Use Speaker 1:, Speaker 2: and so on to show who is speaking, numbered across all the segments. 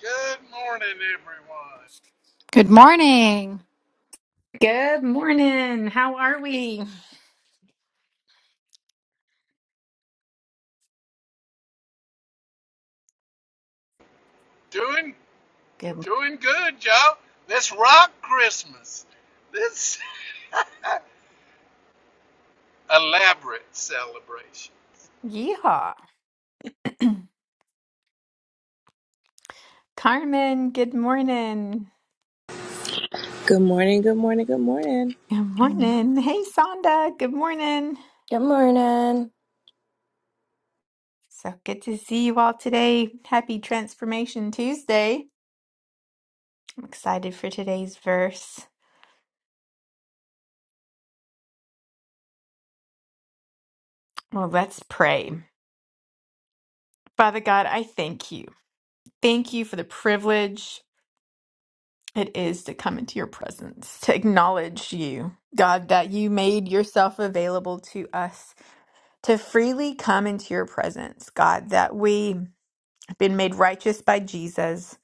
Speaker 1: Good morning, everyone.
Speaker 2: Good morning.
Speaker 3: Good morning. How are we?
Speaker 1: Doing
Speaker 3: Good.
Speaker 1: doing good, y'all. Let's rock Christmas. This elaborate celebration.
Speaker 3: Yeehaw. Carmen, good morning.
Speaker 4: Good morning, good morning, good morning.
Speaker 3: Good morning. Hey, Sonda, good morning.
Speaker 5: Good morning.
Speaker 3: So good to see you all today. Happy Transformation Tuesday. I'm excited for today's verse. Well, let's pray. Father God, I thank you. Thank you for the privilege it is to come into your presence, to acknowledge you. God, that you made yourself available to us to freely come into your presence, God, that we have been made righteous by Jesus.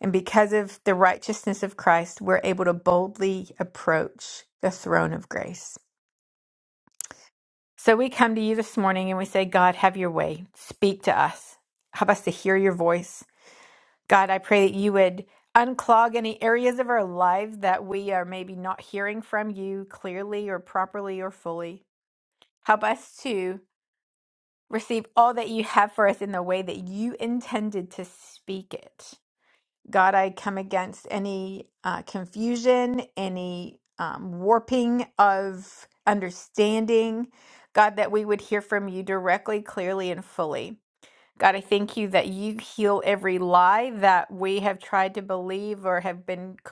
Speaker 3: And because of the righteousness of Christ, we're able to boldly approach the throne of grace. So we come to you this morning and we say, God, have your way. Speak to us. Help us to hear your voice. God, I pray that you would unclog any areas of our lives that we are maybe not hearing from you clearly or properly or fully. Help us to receive all that you have for us in the way that you intended to speak it. God, I come against any uh, confusion, any um, warping of understanding. God, that we would hear from you directly, clearly, and fully. God, I thank you that you heal every lie that we have tried to believe or have been c-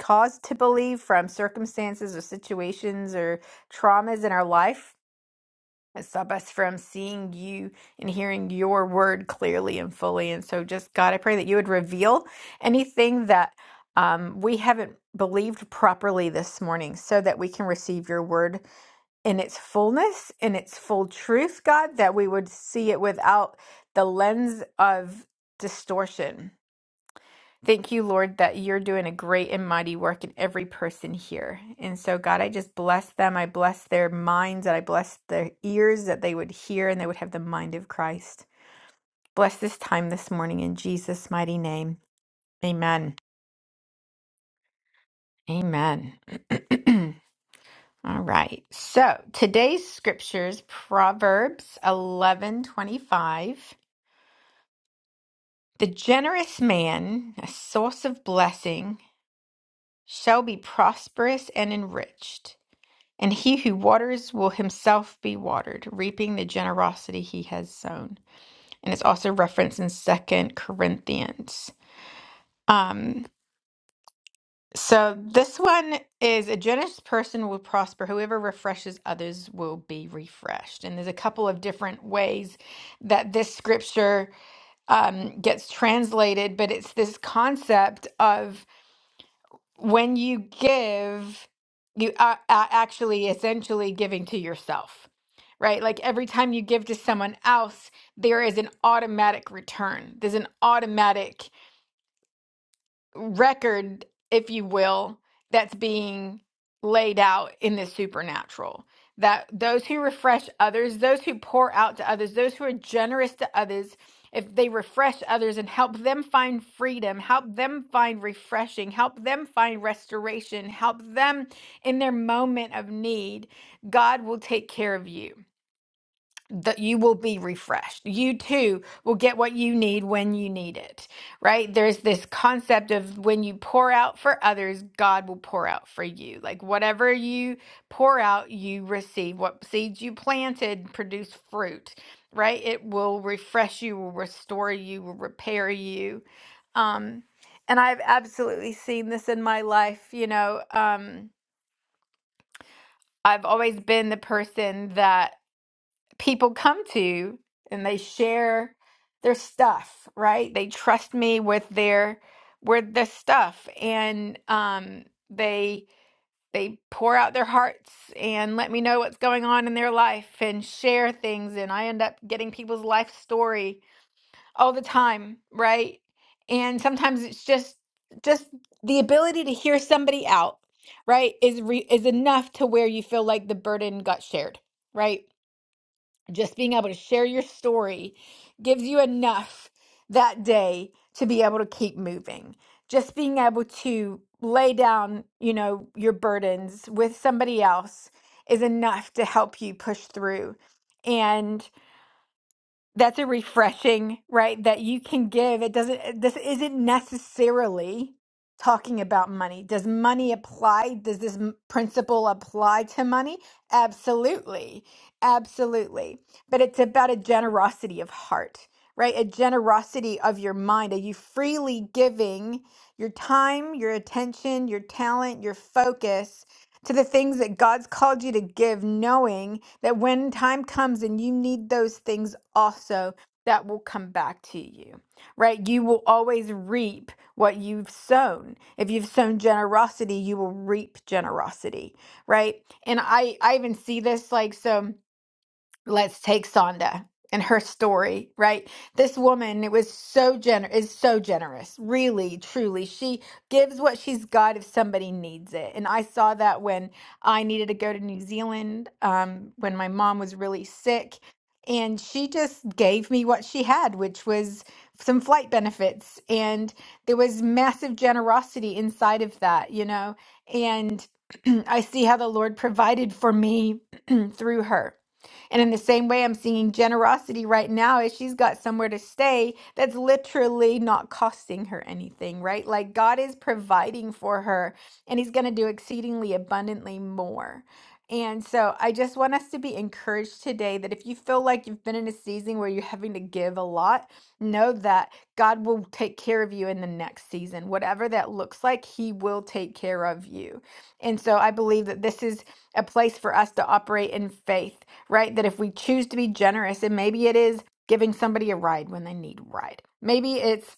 Speaker 3: caused to believe from circumstances or situations or traumas in our life. It stop us from seeing you and hearing your word clearly and fully. And so, just God, I pray that you would reveal anything that um, we haven't believed properly this morning so that we can receive your word in its fullness, in its full truth, God, that we would see it without the lens of distortion Thank you, Lord, that you're doing a great and mighty work in every person here. And so, God, I just bless them. I bless their minds and I bless their ears that they would hear and they would have the mind of Christ. Bless this time this morning in Jesus' mighty name. Amen. Amen. All right. So today's scriptures, Proverbs eleven twenty five. The generous man, a source of blessing, shall be prosperous and enriched. And he who waters will himself be watered, reaping the generosity he has sown. And it's also referenced in Second Corinthians. Um, so this one is a generous person will prosper. Whoever refreshes others will be refreshed. And there's a couple of different ways that this scripture um, gets translated, but it's this concept of when you give, you are, are actually essentially giving to yourself, right? Like every time you give to someone else, there is an automatic return. There's an automatic record, if you will, that's being laid out in the supernatural. That those who refresh others, those who pour out to others, those who are generous to others, if they refresh others and help them find freedom, help them find refreshing, help them find restoration, help them in their moment of need, God will take care of you that you will be refreshed. You too will get what you need when you need it, right? There's this concept of when you pour out for others, God will pour out for you. Like whatever you pour out, you receive. What seeds you planted produce fruit, right? It will refresh you, will restore you, will repair you. Um, and I've absolutely seen this in my life, you know. Um, I've always been the person that people come to and they share their stuff, right? They trust me with their with their stuff and um they they pour out their hearts and let me know what's going on in their life and share things and I end up getting people's life story all the time, right? And sometimes it's just just the ability to hear somebody out, right? is re- is enough to where you feel like the burden got shared, right? just being able to share your story gives you enough that day to be able to keep moving. Just being able to lay down, you know, your burdens with somebody else is enough to help you push through. And that's a refreshing right that you can give it doesn't this isn't necessarily talking about money does money apply does this m- principle apply to money absolutely absolutely but it's about a generosity of heart right a generosity of your mind are you freely giving your time your attention your talent your focus to the things that God's called you to give, knowing that when time comes and you need those things also, that will come back to you, right? You will always reap what you've sown. If you've sown generosity, you will reap generosity, right? And I, I even see this like so let's take Sonda and her story, right? This woman it was so gener is so generous, really, truly. She gives what she's got if somebody needs it. And I saw that when I needed to go to New Zealand, um, when my mom was really sick. And she just gave me what she had, which was some flight benefits. And there was massive generosity inside of that, you know? And I see how the Lord provided for me through her and in the same way, I'm seeing generosity right now as she's got somewhere to stay that's literally not costing her anything, right? Like God is providing for her and He's going to do exceedingly abundantly more. And so I just want us to be encouraged today that if you feel like you've been in a season where you're having to give a lot, know that God will take care of you in the next season. Whatever that looks like, He will take care of you. And so I believe that this is a place for us to operate in faith right? That if we choose to be generous, and maybe it is giving somebody a ride when they need a ride, maybe it's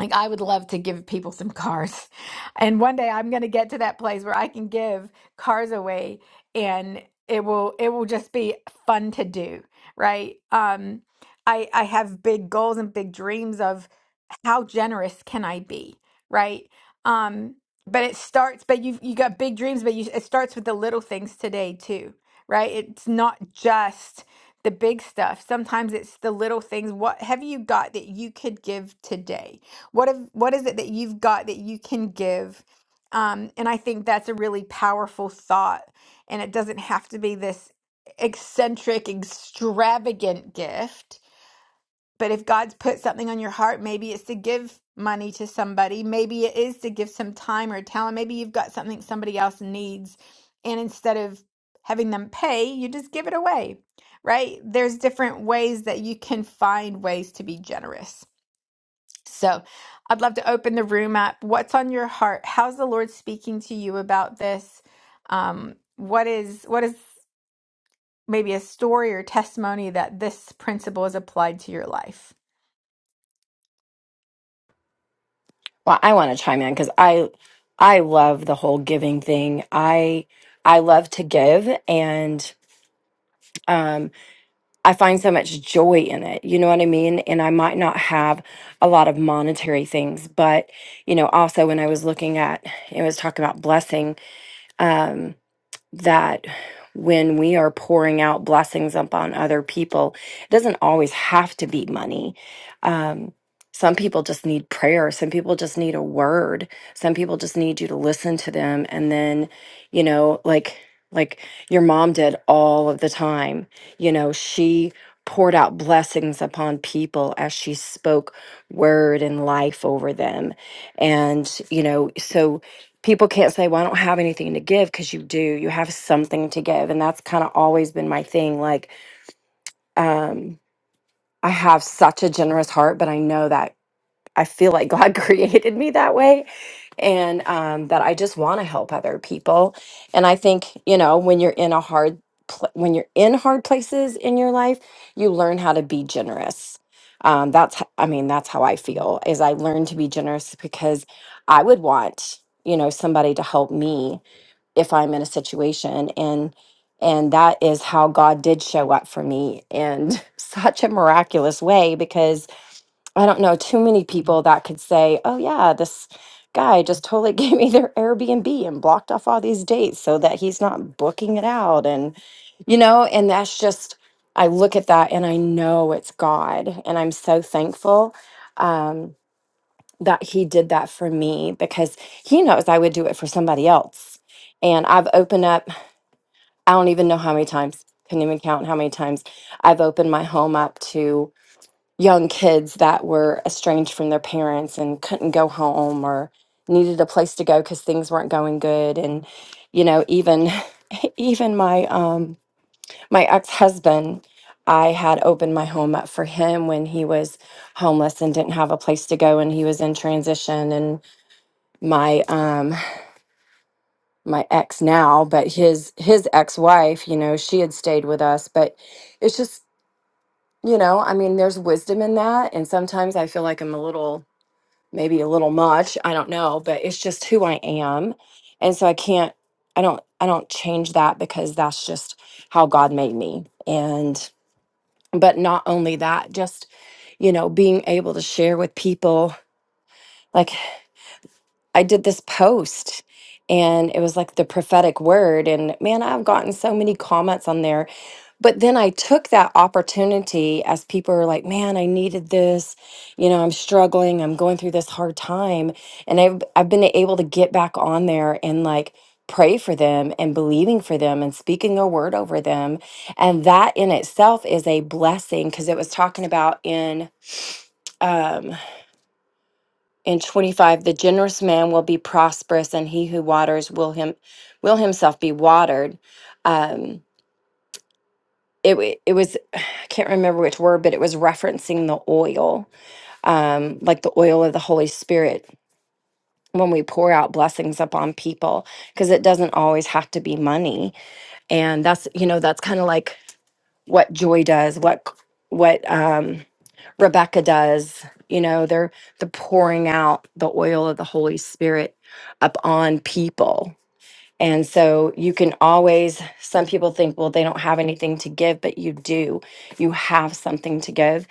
Speaker 3: like I would love to give people some cars. And one day I'm going to get to that place where I can give cars away and it will it will just be fun to do, right? Um I I have big goals and big dreams of how generous can I be, right? Um but it starts but you you got big dreams but you it starts with the little things today too, right? It's not just the big stuff. Sometimes it's the little things. What have you got that you could give today? what if what is it that you've got that you can give um, and i think that's a really powerful thought and it doesn't have to be this eccentric extravagant gift but if god's put something on your heart maybe it's to give money to somebody maybe it is to give some time or talent maybe you've got something somebody else needs and instead of having them pay you just give it away right there's different ways that you can find ways to be generous so I'd love to open the room up. What's on your heart? How's the Lord speaking to you about this? Um, what is what is maybe a story or testimony that this principle is applied to your life?
Speaker 5: Well, I want to chime in because I I love the whole giving thing. I I love to give and um I find so much joy in it. You know what I mean? And I might not have a lot of monetary things, but you know, also when I was looking at it was talking about blessing. um, that when we are pouring out blessings upon other people, it doesn't always have to be money. Um, some people just need prayer. Some people just need a word. Some people just need you to listen to them. And then, you know, like, like your mom did all of the time, you know, she poured out blessings upon people as she spoke word and life over them. And, you know, so people can't say, well, I don't have anything to give because you do. You have something to give. And that's kind of always been my thing. Like, um, I have such a generous heart, but I know that I feel like God created me that way and um, that I just want to help other people. And I think, you know, when you're in a hard, pl- when you're in hard places in your life, you learn how to be generous. Um, that's, h- I mean, that's how I feel is I learned to be generous because I would want, you know, somebody to help me if I'm in a situation and and that is how God did show up for me in such a miraculous way because I don't know too many people that could say, "Oh yeah, this guy just totally gave me their Airbnb and blocked off all these dates so that he's not booking it out." And you know, and that's just I look at that and I know it's God and I'm so thankful um that he did that for me because he knows I would do it for somebody else and I've opened up I don't even know how many times, couldn't even count how many times I've opened my home up to young kids that were estranged from their parents and couldn't go home or needed a place to go because things weren't going good. And, you know, even even my um my ex-husband, I had opened my home up for him when he was homeless and didn't have a place to go and he was in transition and my um my ex now, but his his ex-wife, you know, she had stayed with us, but it's just, you know, I mean, there's wisdom in that, and sometimes I feel like I'm a little maybe a little much, I don't know, but it's just who I am. And so I can't I don't I don't change that because that's just how God made me. And but not only that, just you know, being able to share with people. Like I did this post and it was like the prophetic word. And man, I've gotten so many comments on there. But then I took that opportunity as people were like, man, I needed this. You know, I'm struggling. I'm going through this hard time. And I've, I've been able to get back on there and like, pray for them and believing for them and speaking a word over them and that in itself is a blessing because it was talking about in um, and 25 the generous man will be prosperous and he who waters will him will himself be watered um it, wa- it was i can't remember which word but it was referencing the oil um like the oil of the holy spirit when we pour out blessings upon people because it doesn't always have to be money and that's you know that's kind of like what joy does what c- what um Rebecca does. You know, they're the pouring out the oil of the Holy Spirit upon people. And so you can always, some people think, well, they don't have anything to give, but you do. You have something to give.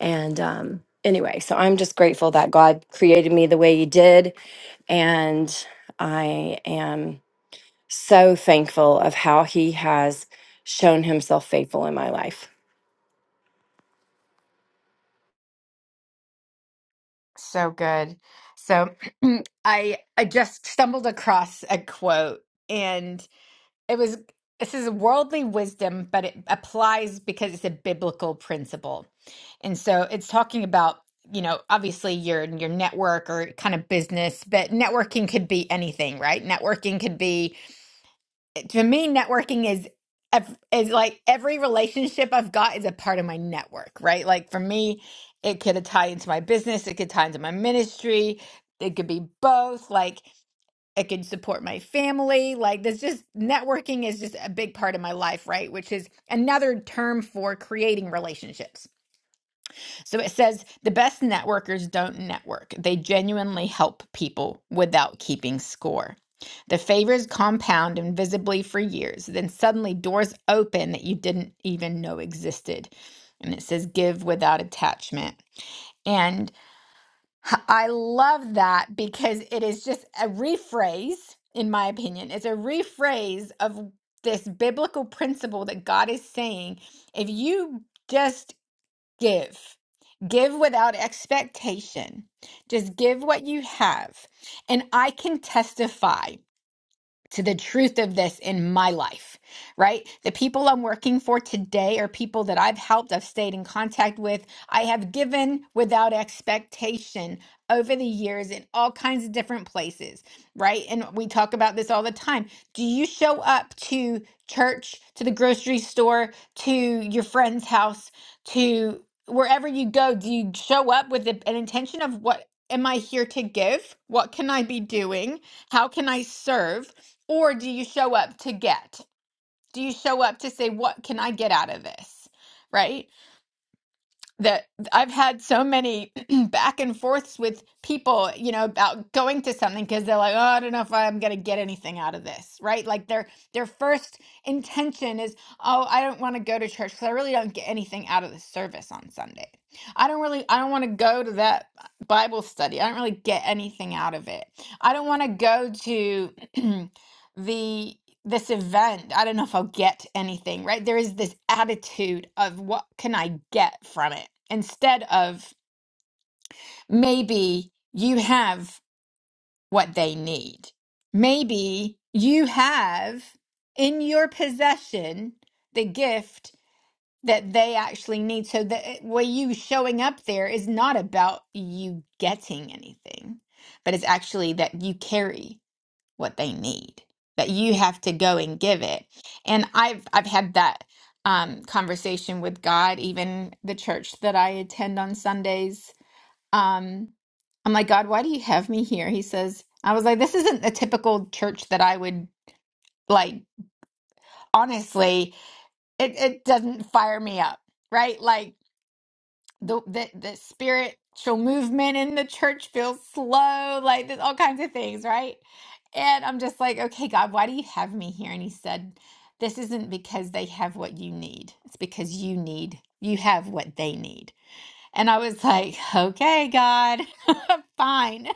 Speaker 5: And um, anyway, so I'm just grateful that God created me the way He did. And I am so thankful of how He has shown Himself faithful in my life.
Speaker 3: So good. So I I just stumbled across a quote and it was this is worldly wisdom, but it applies because it's a biblical principle. And so it's talking about, you know, obviously your your network or kind of business, but networking could be anything, right? Networking could be to me networking is ev- is like every relationship I've got is a part of my network, right? Like for me, it could tie into my business, it could tie into my ministry, it could be both, like it could support my family. Like there's just networking is just a big part of my life, right? Which is another term for creating relationships so it says the best networkers don't network. They genuinely help people without keeping score. The favors compound invisibly for years. Then suddenly doors open that you didn't even know existed. And it says give without attachment. And I love that because it is just a rephrase, in my opinion. It's a rephrase of this biblical principle that God is saying if you just give. Give without expectation. Just give what you have. And I can testify to the truth of this in my life, right? The people I'm working for today are people that I've helped, I've stayed in contact with, I have given without expectation over the years in all kinds of different places, right? And we talk about this all the time. Do you show up to church, to the grocery store, to your friend's house, to wherever you go? Do you show up with the- an intention of what? Am I here to give? What can I be doing? How can I serve? or do you show up to get do you show up to say what can i get out of this right that i've had so many back and forths with people you know about going to something because they're like oh i don't know if i'm going to get anything out of this right like their their first intention is oh i don't want to go to church because i really don't get anything out of the service on sunday i don't really i don't want to go to that bible study i don't really get anything out of it i don't want to go to the this event i don't know if i'll get anything right there is this attitude of what can i get from it instead of maybe you have what they need maybe you have in your possession the gift that they actually need so that it- where you showing up there is not about you getting anything but it's actually that you carry what they need that you have to go and give it and i've i've had that um conversation with god even the church that i attend on sundays um i'm like god why do you have me here he says i was like this isn't a typical church that i would like honestly it it doesn't fire me up right like the the, the spiritual movement in the church feels slow like there's all kinds of things right and i'm just like okay god why do you have me here and he said this isn't because they have what you need it's because you need you have what they need and i was like okay god fine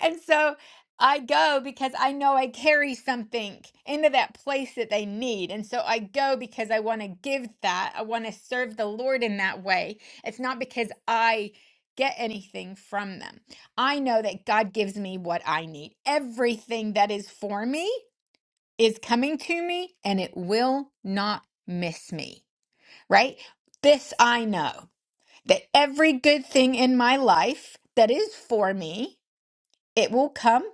Speaker 3: and so I go because I know I carry something into that place that they need. And so I go because I want to give that. I want to serve the Lord in that way. It's not because I get anything from them. I know that God gives me what I need. Everything that is for me is coming to me and it will not miss me, right? This I know that every good thing in my life that is for me it will come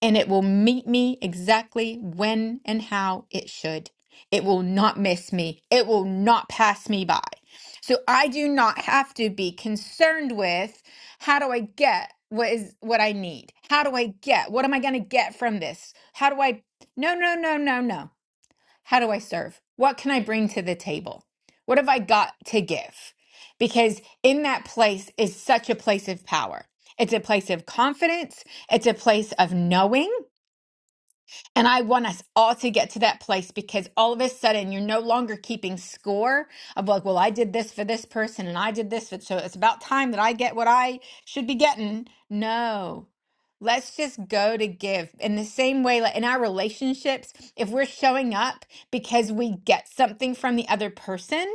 Speaker 3: and it will meet me exactly when and how it should. It will not miss me. It will not pass me by. So I do not have to be concerned with how do I get what is what I need? How do I get? What am I going to get from this? How do I No, no, no, no, no. How do I serve? What can I bring to the table? What have I got to give? Because in that place is such a place of power. It's a place of confidence. It's a place of knowing. And I want us all to get to that place because all of a sudden you're no longer keeping score of like, well, I did this for this person and I did this for, so it's about time that I get what I should be getting. No. Let's just go to give. In the same way, like in our relationships, if we're showing up because we get something from the other person,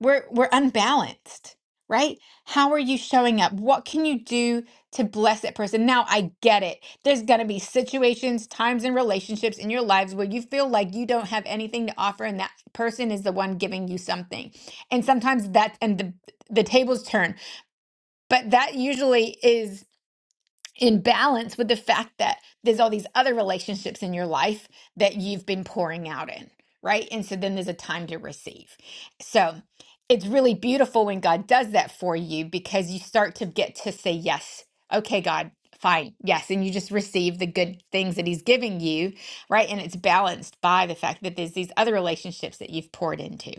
Speaker 3: we're we're unbalanced, right? How are you showing up? What can you do to bless that person? Now I get it. There's going to be situations, times and relationships in your lives where you feel like you don't have anything to offer and that person is the one giving you something. And sometimes that and the the tables turn. But that usually is in balance with the fact that there's all these other relationships in your life that you've been pouring out in, right? And so then there's a time to receive. So it's really beautiful when God does that for you because you start to get to say, Yes, okay, God, fine, yes. And you just receive the good things that He's giving you, right? And it's balanced by the fact that there's these other relationships that you've poured into.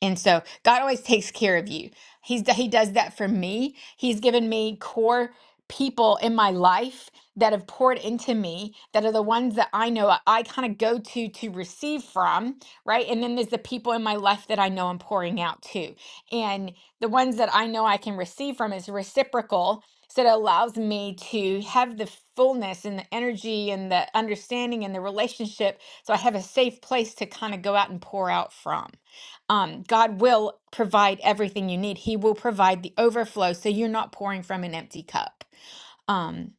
Speaker 3: And so God always takes care of you. He's, he does that for me. He's given me core people in my life that have poured into me that are the ones that I know I I kind of go to to receive from, right? And then there's the people in my life that I know I'm pouring out to. And the ones that I know I can receive from is reciprocal. So it allows me to have the fullness and the energy and the understanding and the relationship. So I have a safe place to kind of go out and pour out from um, God will provide everything you need. He will provide the overflow so you're not pouring from an empty cup. Um,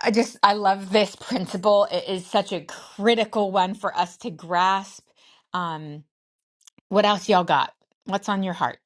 Speaker 3: I just, I love this principle. It is such a critical one for us to grasp. Um, what else y'all got? What's on your heart?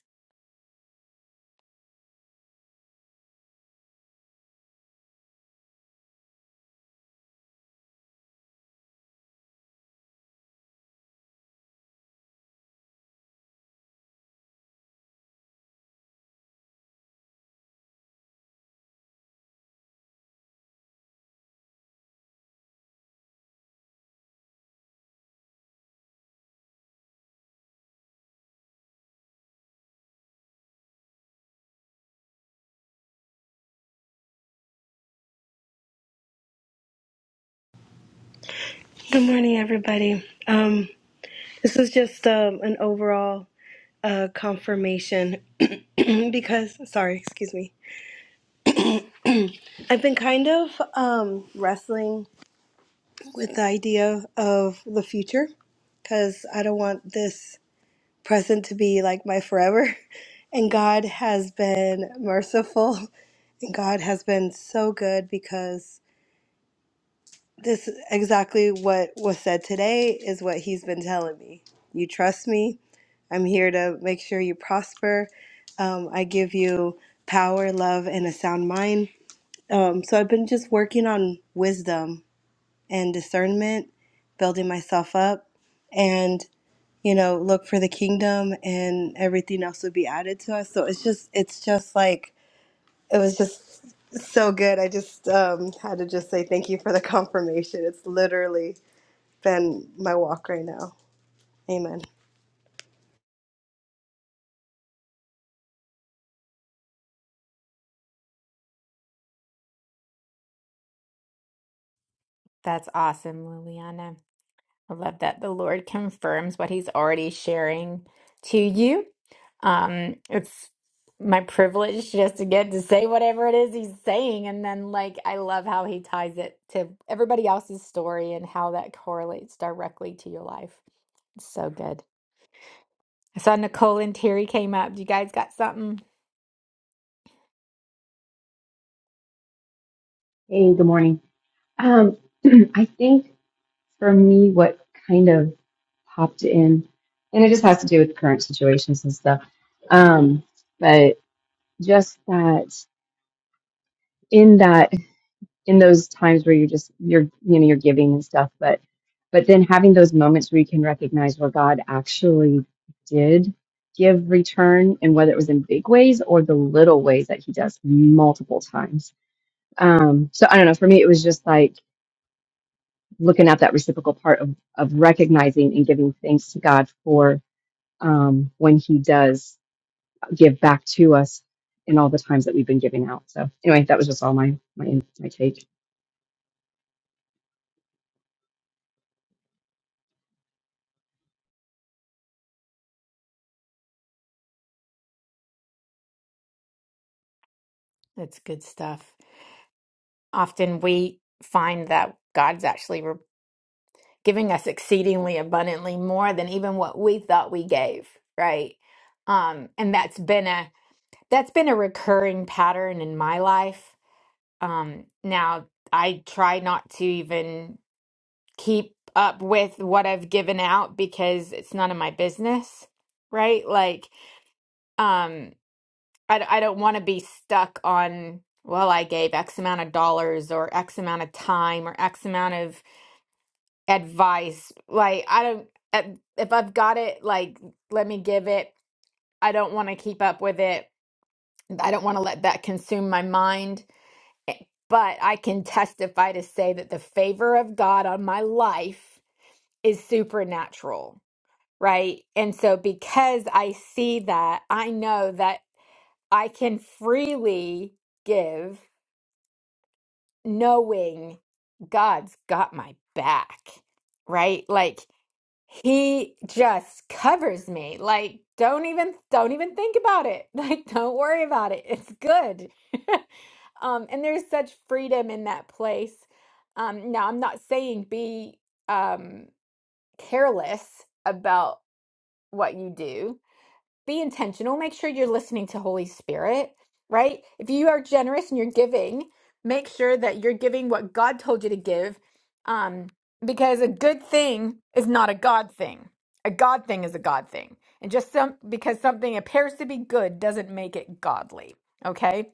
Speaker 6: Good morning, everybody. Um, this is just um, an overall uh, confirmation because, sorry, excuse me. I've been kind of um, wrestling with the idea of the future because I don't want this present to be like my forever. And God has been merciful and God has been so good because. this exactly what was said today is what he's been telling me. You trust me. I'm here to make sure you prosper. Um, I give you power, love, and a sound mind. Um, so I've been just working on wisdom and discernment, building myself up, and you know, look for the kingdom, and everything else would be added to us. So it's just, it's just like it was just so good. I just um, had to just say thank you for the confirmation. It's literally than my walk right now. Amen.
Speaker 3: That's awesome, Liliana. I love that the Lord confirms what He's already sharing to you. Um, it's my privilege just to get to say whatever it is He's saying. And then, like, I love how He ties it to everybody else's story and how that correlates directly to your life. It's so good. I saw Nicole and Terry came up. You guys got something?
Speaker 7: Hey, good morning. Um, I think for me, what kind of popped in, and it just has to do with current situations and stuff. Um, but just that in that in those times where you're just you're you know you're giving and stuff, but but then having those moments where you can recognize where God actually did give return, and whether it was in big ways or the little ways that He does multiple times. Um, so I don't know. For me, it was just like looking at that reciprocal part of, of recognizing and giving thanks to God for um, when He does give back to us in all the times that we've been giving out. So anyway, that was just all my my my take.
Speaker 3: That's good stuff. Often we find that God's actually giving us exceedingly abundantly more than even what we thought we gave right um and that's been a that's been a recurring pattern in my life um now i try not to even keep up with what i've given out because it's none of my business right like um I d- I don't want to be stuck on well i gave x amount of dollars or x amount of time or x amount of advice. Like I don't if if I've got it, like let me give it. I don't want to keep up with it. I don't want to let that consume my mind. Eh, But I can testify to say that the favor of God on my life is supernatural, right? And so because I see that, I know that I can freely give knowing God's got my back, right? Like he just covers me like don't even don't even think about it like don't worry about it it's good um and there's such freedom in that place um now i'm not saying be um careless about what you do be intentional. Make sure you're listening to Holy Spirit, right? If you are generous and you're giving, make sure that you're giving what God told you to give. Um, because a good thing is not a God thing. A God thing is a God thing. And just some because something appears to be good doesn't make it godly. Okay?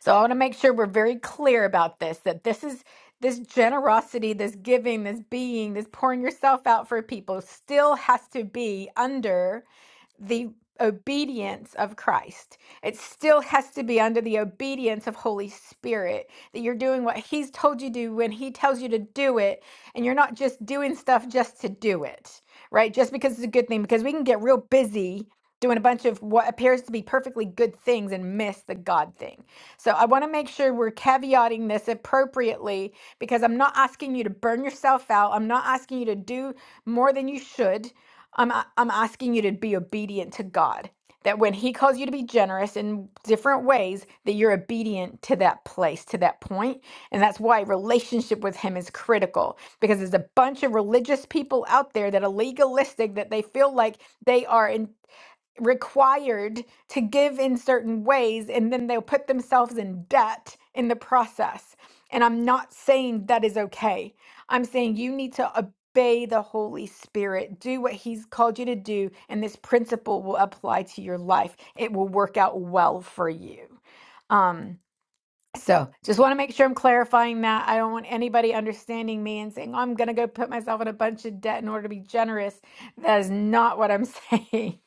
Speaker 3: So I want to make sure we're very clear about this that this is this generosity, this giving, this being, this pouring yourself out for people still has to be under the obedience of Christ. It still has to be under the obedience of Holy Spirit that you're doing what he's told you to do when he tells you to do it and you're not just doing stuff just to do it, right? Just because it's a good thing because we can get real busy doing a bunch of what appears to be perfectly good things and miss the God thing. So I want to make sure we're caveating this appropriately because I'm not asking you to burn yourself out. I'm not asking you to do more than you should. I'm a- I'm asking you to be obedient to God. That when he calls you to be generous in different ways, that you're obedient to that place, to that point. And that's why relationship with him is critical because there's a bunch of religious people out there that are legalistic that they feel like they are required to give in certain ways and then they'll put themselves in debt in the process. And I'm not saying that is okay. I'm saying you need to obey the Holy Spirit, do what He's called you to do, and this principle will apply to your life. It will work out well for you. Um, so just want to make sure I'm clarifying that. I don't want anybody understanding me and saying, oh, I'm going to go put myself in a bunch of debt in order to be generous. That is not what I'm saying.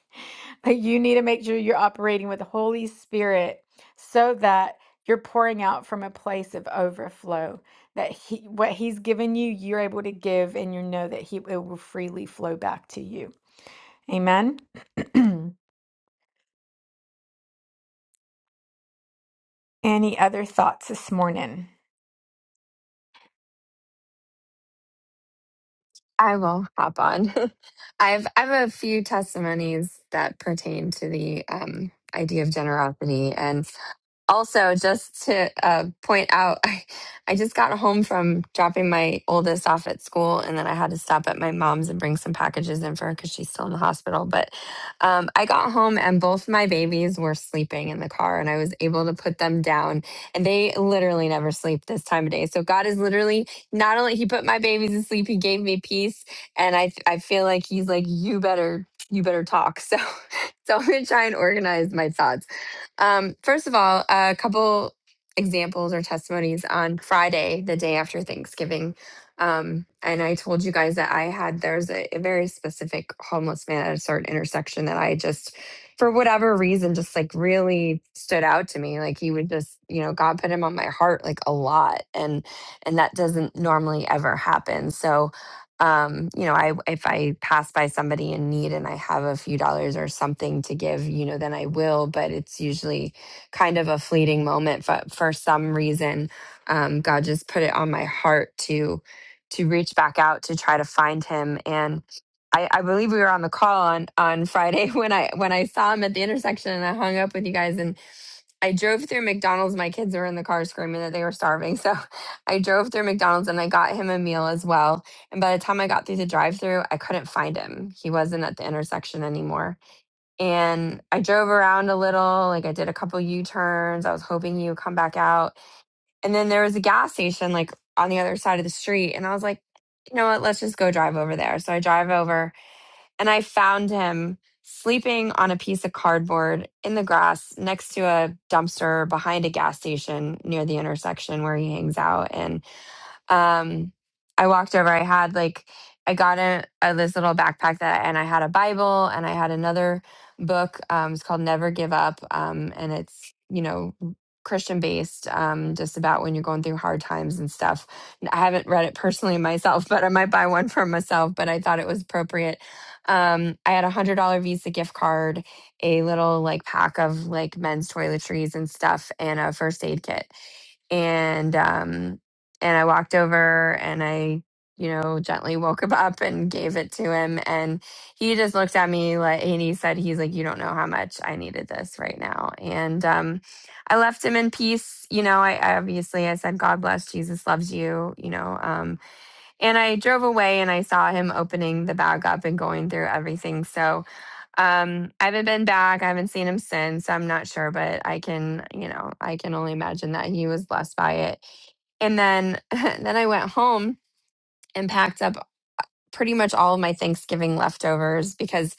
Speaker 3: But you need to make sure you're operating with the Holy Spirit so that you're pouring out from a place of overflow. That he, what He's given you, you're able to give, and you know that He it will freely flow back to you. Amen. Any other thoughts this morning?
Speaker 8: I will hop on. I've I have a few testimonies that pertain to the um, idea of generosity, and also just to uh, point out I, I just got home from dropping my oldest off at school and then i had to stop at my mom's and bring some packages in for her because she's still in the hospital but um, i got home and both my babies were sleeping in the car and i was able to put them down and they literally never sleep this time of day so god is literally not only he put my babies to sleep he gave me peace and i, I feel like he's like you better you better talk so so i'm gonna try and organize my thoughts um, first of all, a couple examples or testimonies on Friday, the day after Thanksgiving. Um, and I told you guys that I had there's a, a very specific homeless man at a certain intersection that I just, for whatever reason, just like really stood out to me. Like he would just, you know, God put him on my heart like a lot, and and that doesn't normally ever happen. So um you know i if i pass by somebody in need and i have a few dollars or something to give you know then i will but it's usually kind of a fleeting moment but for some reason um god just put it on my heart to to reach back out to try to find him and I, I believe we were on the call on on Friday when I when I saw him at the intersection and I hung up with you guys and. I drove through McDonald's. My kids were in the car screaming that they were starving. So I drove through McDonald's and I got him a meal as well. And by the time I got through the drive through, I couldn't find him. He wasn't at the intersection anymore. And I drove around a little, like I did a couple U turns. I was hoping he would come back out. And then there was a gas station like on the other side of the street. And I was like, you know what? Let's just go drive over there. So I drive over and I found him sleeping on a piece of cardboard in the grass next to a dumpster behind a gas station near the intersection where he hangs out. And um I walked over. I had like I got a, a this little backpack that and I had a Bible and I had another book. Um it's called Never Give Up. Um and it's, you know, Christian based, um, just about when you're going through hard times and stuff. And I haven't read it personally myself, but I might buy one for myself, but I thought it was appropriate. Um, I had a hundred dollar Visa gift card, a little like pack of like men's toiletries and stuff, and a first aid kit and um and I walked over and I, you know, gently woke him up and gave it to him. And he just looked at me like, and he said, he's like, you don't know how much I needed this right now. And um, I left him in peace. You know, I, I obviously I said, God bless, Jesus loves you. You know, um, and I drove away and I saw him opening the bag up and going through everything. So um, I haven't been back. I haven't seen him since. I'm not sure, but I can, you know, I can only imagine that he was blessed by it. And then, then I went home and packed up pretty much all of my Thanksgiving leftovers because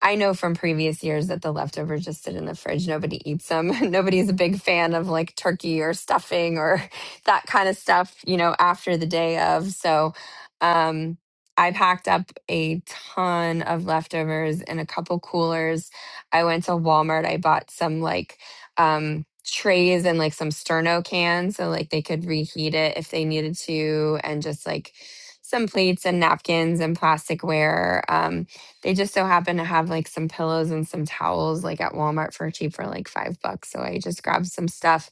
Speaker 8: I know from previous years that the leftovers just sit in the fridge. Nobody eats them. Nobody's a big fan of like turkey or stuffing or that kind of stuff, you know, after the day of. So, um, I packed up a ton of leftovers in a couple coolers. I went to Walmart. I bought some like um, trays and like some Sterno cans so like they could reheat it if they needed to, and just like some plates and napkins and plasticware. Um, they just so happen to have like some pillows and some towels like at Walmart for cheap for like five bucks. So I just grabbed some stuff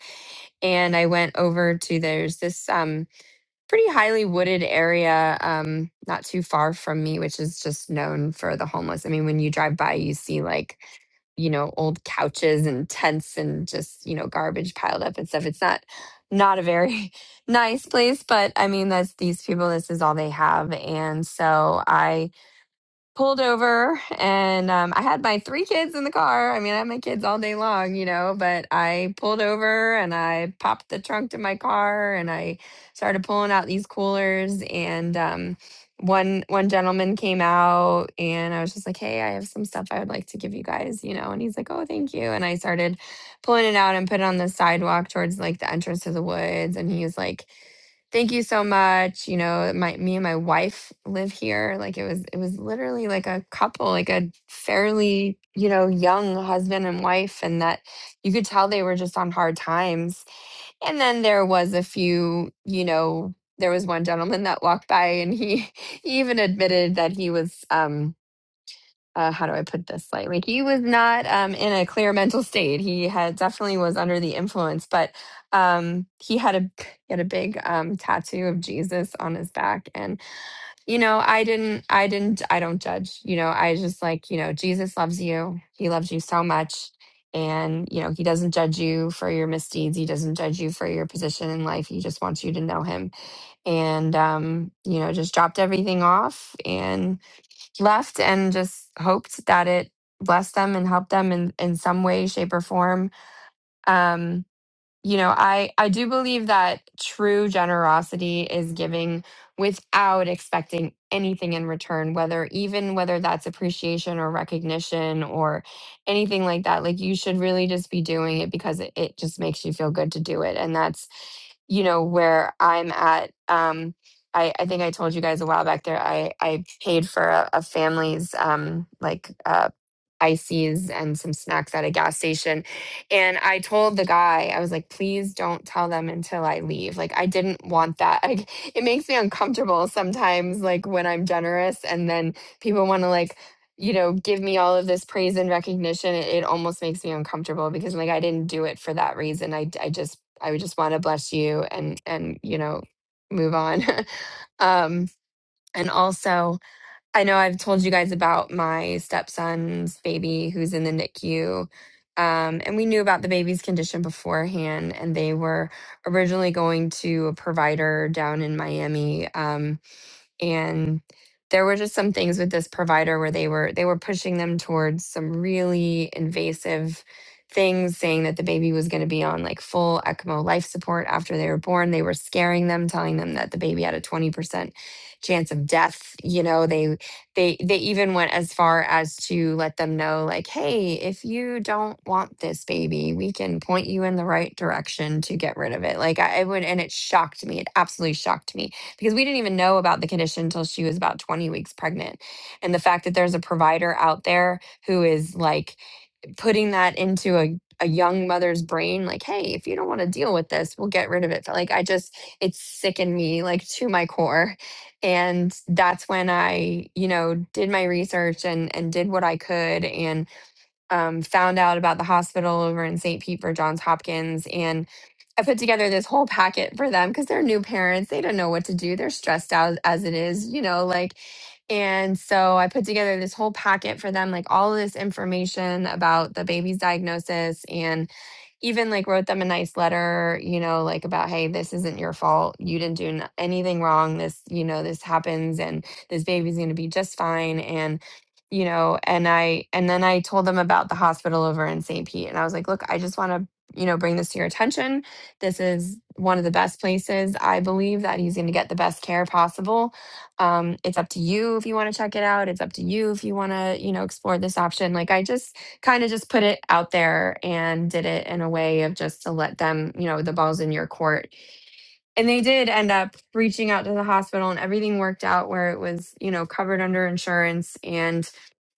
Speaker 8: and I went over to there's this um pretty highly wooded area um not too far from me, which is just known for the homeless. I mean, when you drive by, you see like, you know, old couches and tents and just, you know, garbage piled up and stuff. It's not not a very nice place, but I mean that's these people, this is all they have. And so I pulled over and um, I had my three kids in the car. I mean, I had my kids all day long, you know, but I pulled over and I popped the trunk to my car and I started pulling out these coolers and um one one gentleman came out and I was just like, "Hey, I have some stuff I would like to give you guys," you know, and he's like, "Oh, thank you." And I started pulling it out and put it on the sidewalk towards like the entrance to the woods and he was like thank you so much you know my me and my wife live here like it was it was literally like a couple like a fairly you know young husband and wife and that you could tell they were just on hard times and then there was a few you know there was one gentleman that walked by and he, he even admitted that he was um uh, how do I put this? Like, like he was not um, in a clear mental state. He had definitely was under the influence, but um, he had a he had a big um, tattoo of Jesus on his back, and you know, I didn't, I didn't, I don't judge. You know, I just like, you know, Jesus loves you. He loves you so much. And, you know, he doesn't judge you for your misdeeds. He doesn't judge you for your position in life. He just wants you to know him. And, um, you know, just dropped everything off and left and just hoped that it blessed them and helped them in, in some way, shape, or form. Um, you know i i do believe that true generosity is giving without expecting anything in return whether even whether that's appreciation or recognition or anything like that like you should really just be doing it because it, it just makes you feel good to do it and that's you know where i'm at um I, I think I told you guys a while back there. I, I paid for a, a family's um, like uh ices and some snacks at a gas station. And I told the guy, I was like, please don't tell them until I leave. Like, I didn't want that. Like, it makes me uncomfortable sometimes, like when I'm generous and then people want to, like, you know, give me all of this praise and recognition. It, it almost makes me uncomfortable because I'm like, I didn't do it for that reason. I, I just, I would just want to bless you and, and, you know, move on. um, and also, I know I've told you guys about my stepson's baby who's in the NICU. Um, and we knew about the baby's condition beforehand, and they were originally going to a provider down in Miami. Um, and there were just some things with this provider where they were they were pushing them towards some really invasive things saying that the baby was going to be on like full ECMO life support after they were born they were scaring them telling them that the baby had a 20% chance of death you know they they they even went as far as to let them know like hey if you don't want this baby we can point you in the right direction to get rid of it like I, I would and it shocked me it absolutely shocked me because we didn't even know about the condition until she was about 20 weeks pregnant. And the fact that there's a provider out there who is like putting that into a, a young mother's brain, like, hey, if you don't want to deal with this, we'll get rid of it. Like, I just, it sickened me like to my core. And that's when I, you know, did my research and and did what I could and um, found out about the hospital over in St. Pete for Johns Hopkins. And I put together this whole packet for them because they're new parents. They don't know what to do. They're stressed out as it is, you know, like. And so I put together this whole packet for them, like all of this information about the baby's diagnosis. and even like wrote them a nice letter, you know, like about, hey, this isn't your fault. You didn't do n- anything wrong. This, you know, this happens and this baby's going to be just fine. And, you know, and I, and then I told them about the hospital over in St. Pete. And I was like, look, I just want to, you know, bring this to your attention. This is one of the best places. I believe that he's going to get the best care possible. Um, it's up to you if you want to check it out. It's up to you if you want to, you know, explore this option. Like I just, kind of just put it out there and did it in a way of just to let them, you know, the ball's in your court. And they did end up reaching out to the hospital and everything worked out where it was, you know, covered under insurance. And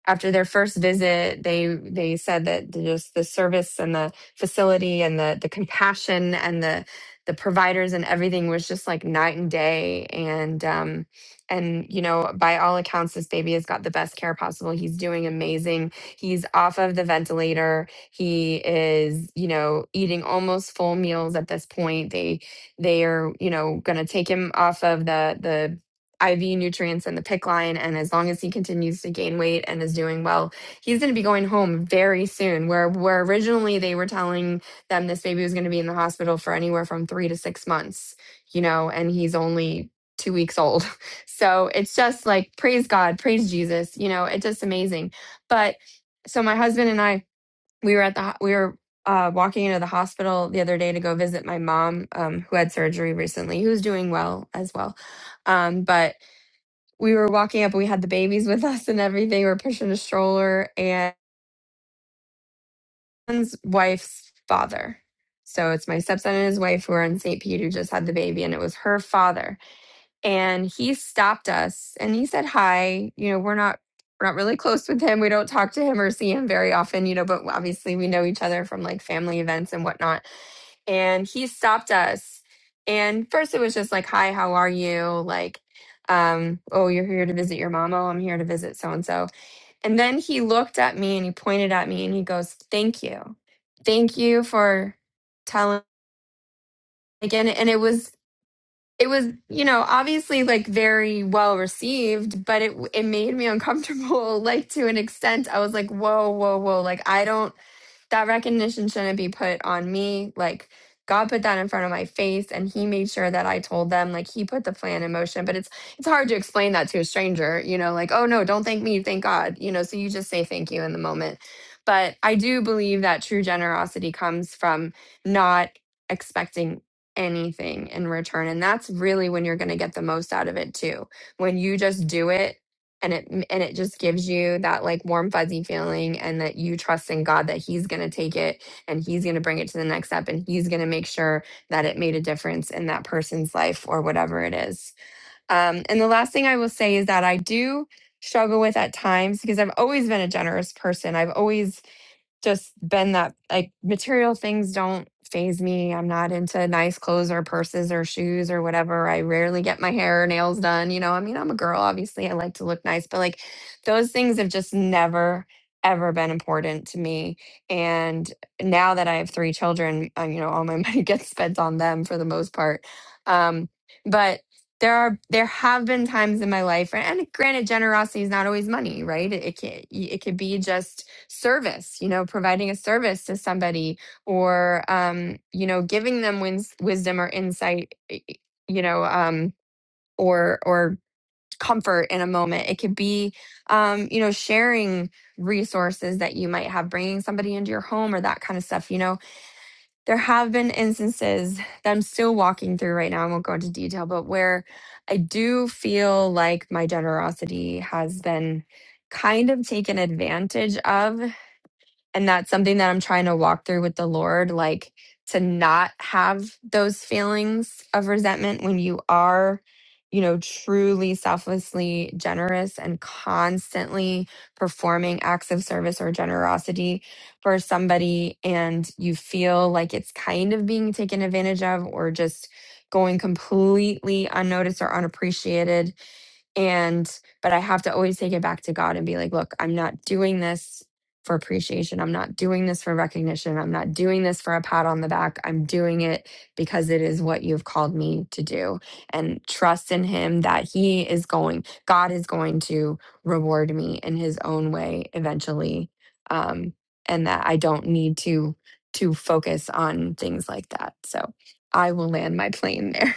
Speaker 8: after their first visit they they said that just the service and the facility and the the compassion and the the providers and everything was just like night and day and um and you know by all accounts this baby has got the best care possible he's doing amazing he's off of the ventilator he is you know eating almost full meals at this point they they are you know going to take him off of the the IV nutrients in the pick line. And as long as he continues to gain weight and is doing well, he's going to be going home very soon. Where where originally they were telling them this baby was going to be in the hospital for anywhere from three to six months, you know, and he's only two weeks old. So it's just like praise God, praise Jesus, you know, it's just amazing. But so my husband and I, we were at the ho- we were uh, walking into the hospital the other day to go visit my mom, um, who had surgery recently, who's doing well as well. Um, but we were walking up. We had the babies with us and everything. We are pushing a stroller and his wife's father. So it's my stepson and his wife who are in St. Pete who just had the baby, and it was her father. And he stopped us and he said hi. You know, we're not we're not really close with him. We don't talk to him or see him very often. You know, but obviously we know each other from like family events and whatnot. And he stopped us. And first it was just like, hi, how are you? Like, um, oh, you're here to visit your mom. Oh, I'm here to visit so and so And then he looked at me and he pointed at me and he goes, "Thank you. Thank you for telling again." And it was it was, you know, obviously like very well received, but it it made me uncomfortable like to an extent. I was like, "Whoa, whoa, whoa. Like I don't that recognition shouldn't be put on me. Like God put that in front of my face and he made sure that I told them like he put the plan in motion. But it's it's hard to explain that to a stranger, you know, like, oh no, don't thank me, thank God. You know, so you just say thank you in the moment. But I do believe that true generosity comes from not expecting anything in return. And that's really when you're going to get the most out of it too. When you just do it and it and it just gives you that like warm fuzzy feeling and that you trust in God that he's going to take it and he's going to bring it to the next step and he's going to make sure that it made a difference in that person's life or whatever it is. Um and the last thing I will say is that I do struggle with at times because I've always been a generous person. I've always just been that like material things don't phase me. I'm not into nice clothes or purses or shoes or whatever. I rarely get my hair or nails done. You know, I mean, I'm a girl, obviously, I like to look nice, but like those things have just never ever been important to me and now that i have three children uh, you know all my money gets spent on them for the most part um but there are there have been times in my life and granted generosity is not always money right it, it can it could be just service you know providing a service to somebody or um you know giving them wins, wisdom or insight y- y- you know um or or comfort in a moment it could be um you know sharing resources that you might have bringing somebody into your home or that kind of stuff you know there have been instances that I'm still walking through right now. I won't go into detail, but where I do feel like my generosity has been kind of taken advantage of and that's something that I'm trying to walk through with the Lord, like to not have those feelings of resentment when you are, you know, truly selflessly generous and constantly performing acts of service or generosity for somebody. And you feel like it's kind of being taken advantage of or just going completely unnoticed or unappreciated and, but I have to always take it back to God and be like, look, I'm not doing this for appreciation. I'm not doing this for recognition. I'm not doing this for a pat on the back. I'm doing it because it is what you've called me to do. And trust in Him that He is going, God is going to reward me in His own way eventually. Um, and that I don't need to to focus on things like that. So I will land my plane there.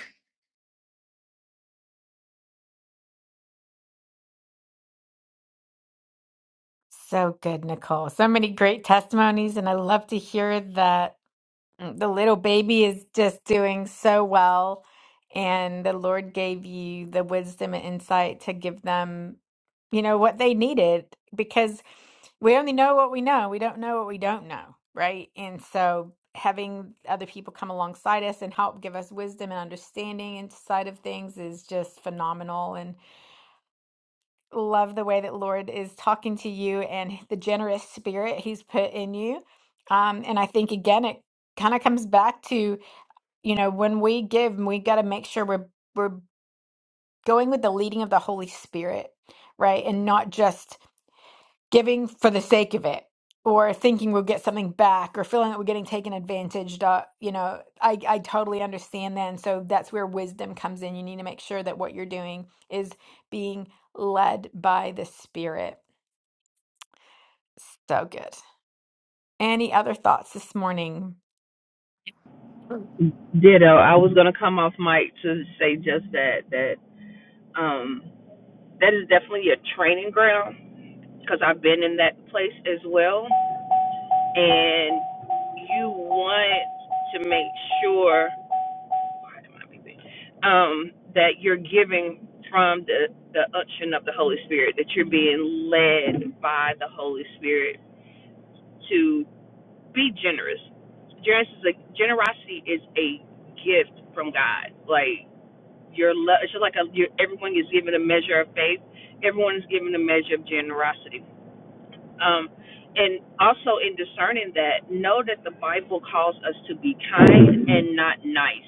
Speaker 3: So good, Nicole. So many great testimonies, and I love to hear that Mm, The little baby is just doing so well, and the Lord gave you the wisdom and insight to give them, you know, what they needed because we only know what we know. We don't know what we don't know, right? And so having other people come alongside us and help give us wisdom and understanding inside of things is just phenomenal and love the way that Lord is talking to you and the generous spirit he's put in you. Um, and I think again it kind of comes back to you know, when we give, we got to make sure we're we're going with the leading of the Holy Spirit, right? And not just giving for the sake of it or thinking we'll get something back or feeling that we're getting taken advantage of. You know, I, I totally understand that. And so that's where wisdom comes in. You need to make sure that what you're doing is being led by the Spirit. So good. Any other thoughts this morning?
Speaker 4: Ditto. I was gonna come off mic to say just that that um that is definitely a training ground because I've been in that place as well, and you want to make sure why am I beeping? um that you're giving from the the unction of the Holy Spirit that you're being led by the Holy Spirit be generous. Generous is a generosity is a gift from God. Like your love, it's just like a, your, everyone is given a measure of faith. Everyone is given a measure of generosity. Um, and also in discerning that, know that the Bible calls us to be kind and not nice.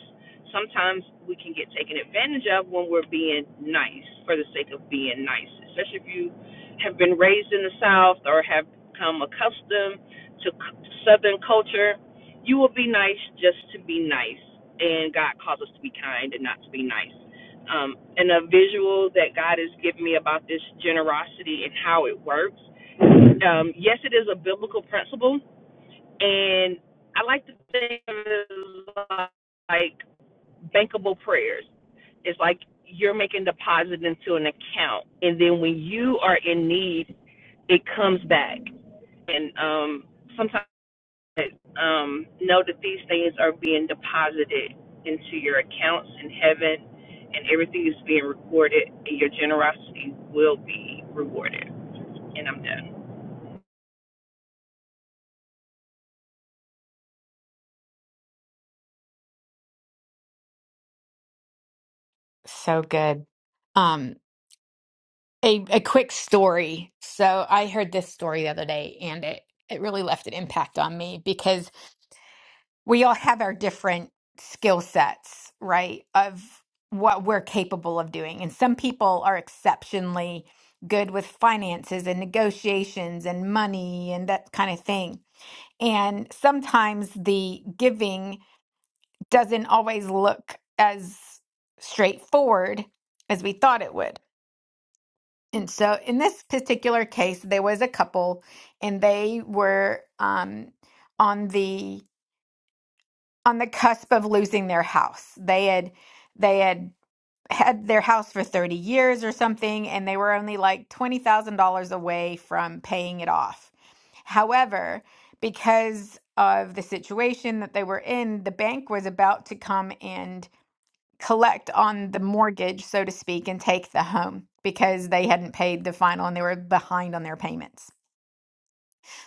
Speaker 4: Sometimes we can get taken advantage of when we're being nice for the sake of being nice, especially if you have been raised in the South or have become accustomed to Southern culture. You will be nice just to be nice, and God calls us to be kind and not to be nice. Um, and a visual that God has given me about this generosity and how it works um, yes, it is a biblical principle, and I like to think of it as like bankable prayers. It's like you're making deposit into an account, and then when you are in need, it comes back. And um, sometimes um, know that these things are being deposited into your accounts in heaven, and everything is being recorded, and your generosity will be rewarded. And I'm done.
Speaker 3: So good. a, a quick story. So I heard this story the other day and it, it really left an impact on me because we all have our different skill sets, right? Of what we're capable of doing. And some people are exceptionally good with finances and negotiations and money and that kind of thing. And sometimes the giving doesn't always look as straightforward as we thought it would. And so in this particular case, there was a couple and they were um, on the on the cusp of losing their house. They had they had had their house for 30 years or something, and they were only like $20,000 away from paying it off. However, because of the situation that they were in, the bank was about to come and collect on the mortgage, so to speak, and take the home because they hadn't paid the final and they were behind on their payments.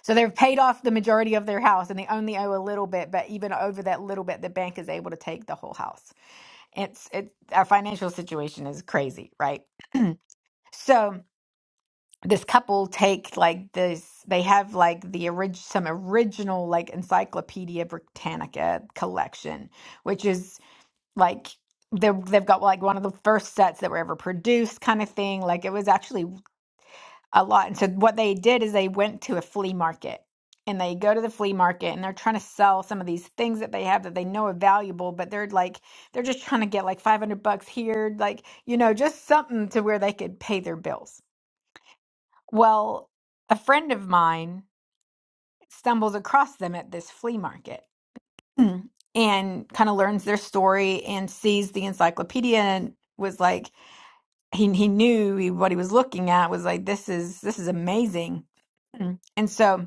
Speaker 3: So they've paid off the majority of their house and they only owe a little bit, but even over that little bit, the bank is able to take the whole house. It's it our financial situation is crazy, right? So this couple take like this they have like the orig- some original like encyclopedia britannica collection which is like they're, they've got like one of the first sets that were ever produced kind of thing like it was actually a lot and so what they did is they went to a flea market and they go to the flea market and they're trying to sell some of these things that they have that they know are valuable but they're like they're just trying to get like 500 bucks here like you know just something to where they could pay their bills well a friend of mine stumbles across them at this flea market and kind of learns their story and sees the encyclopedia and was like he he knew he, what he was looking at was like this is this is amazing Mm. and so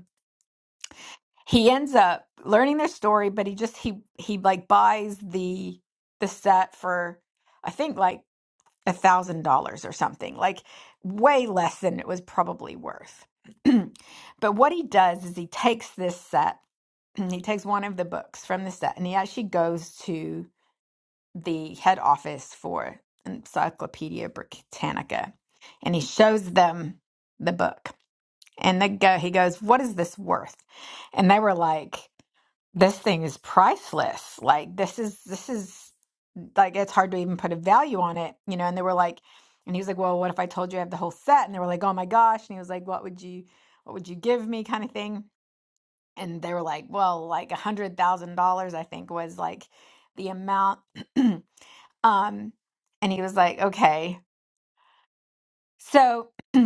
Speaker 3: he ends up learning their story but he just he he like buys the the set for i think like a thousand dollars or something like way less than it was probably worth but what he does is he takes this set he takes one of the books from the set and he actually goes to the head office for Encyclopedia Britannica, and he shows them the book. And they go, he goes, "What is this worth?" And they were like, "This thing is priceless. Like this is this is like it's hard to even put a value on it, you know." And they were like, and he was like, "Well, what if I told you I have the whole set?" And they were like, "Oh my gosh!" And he was like, "What would you, what would you give me?" Kind of thing. And they were like, "Well, like a hundred thousand dollars, I think was like the amount." Um, and he was like, okay. So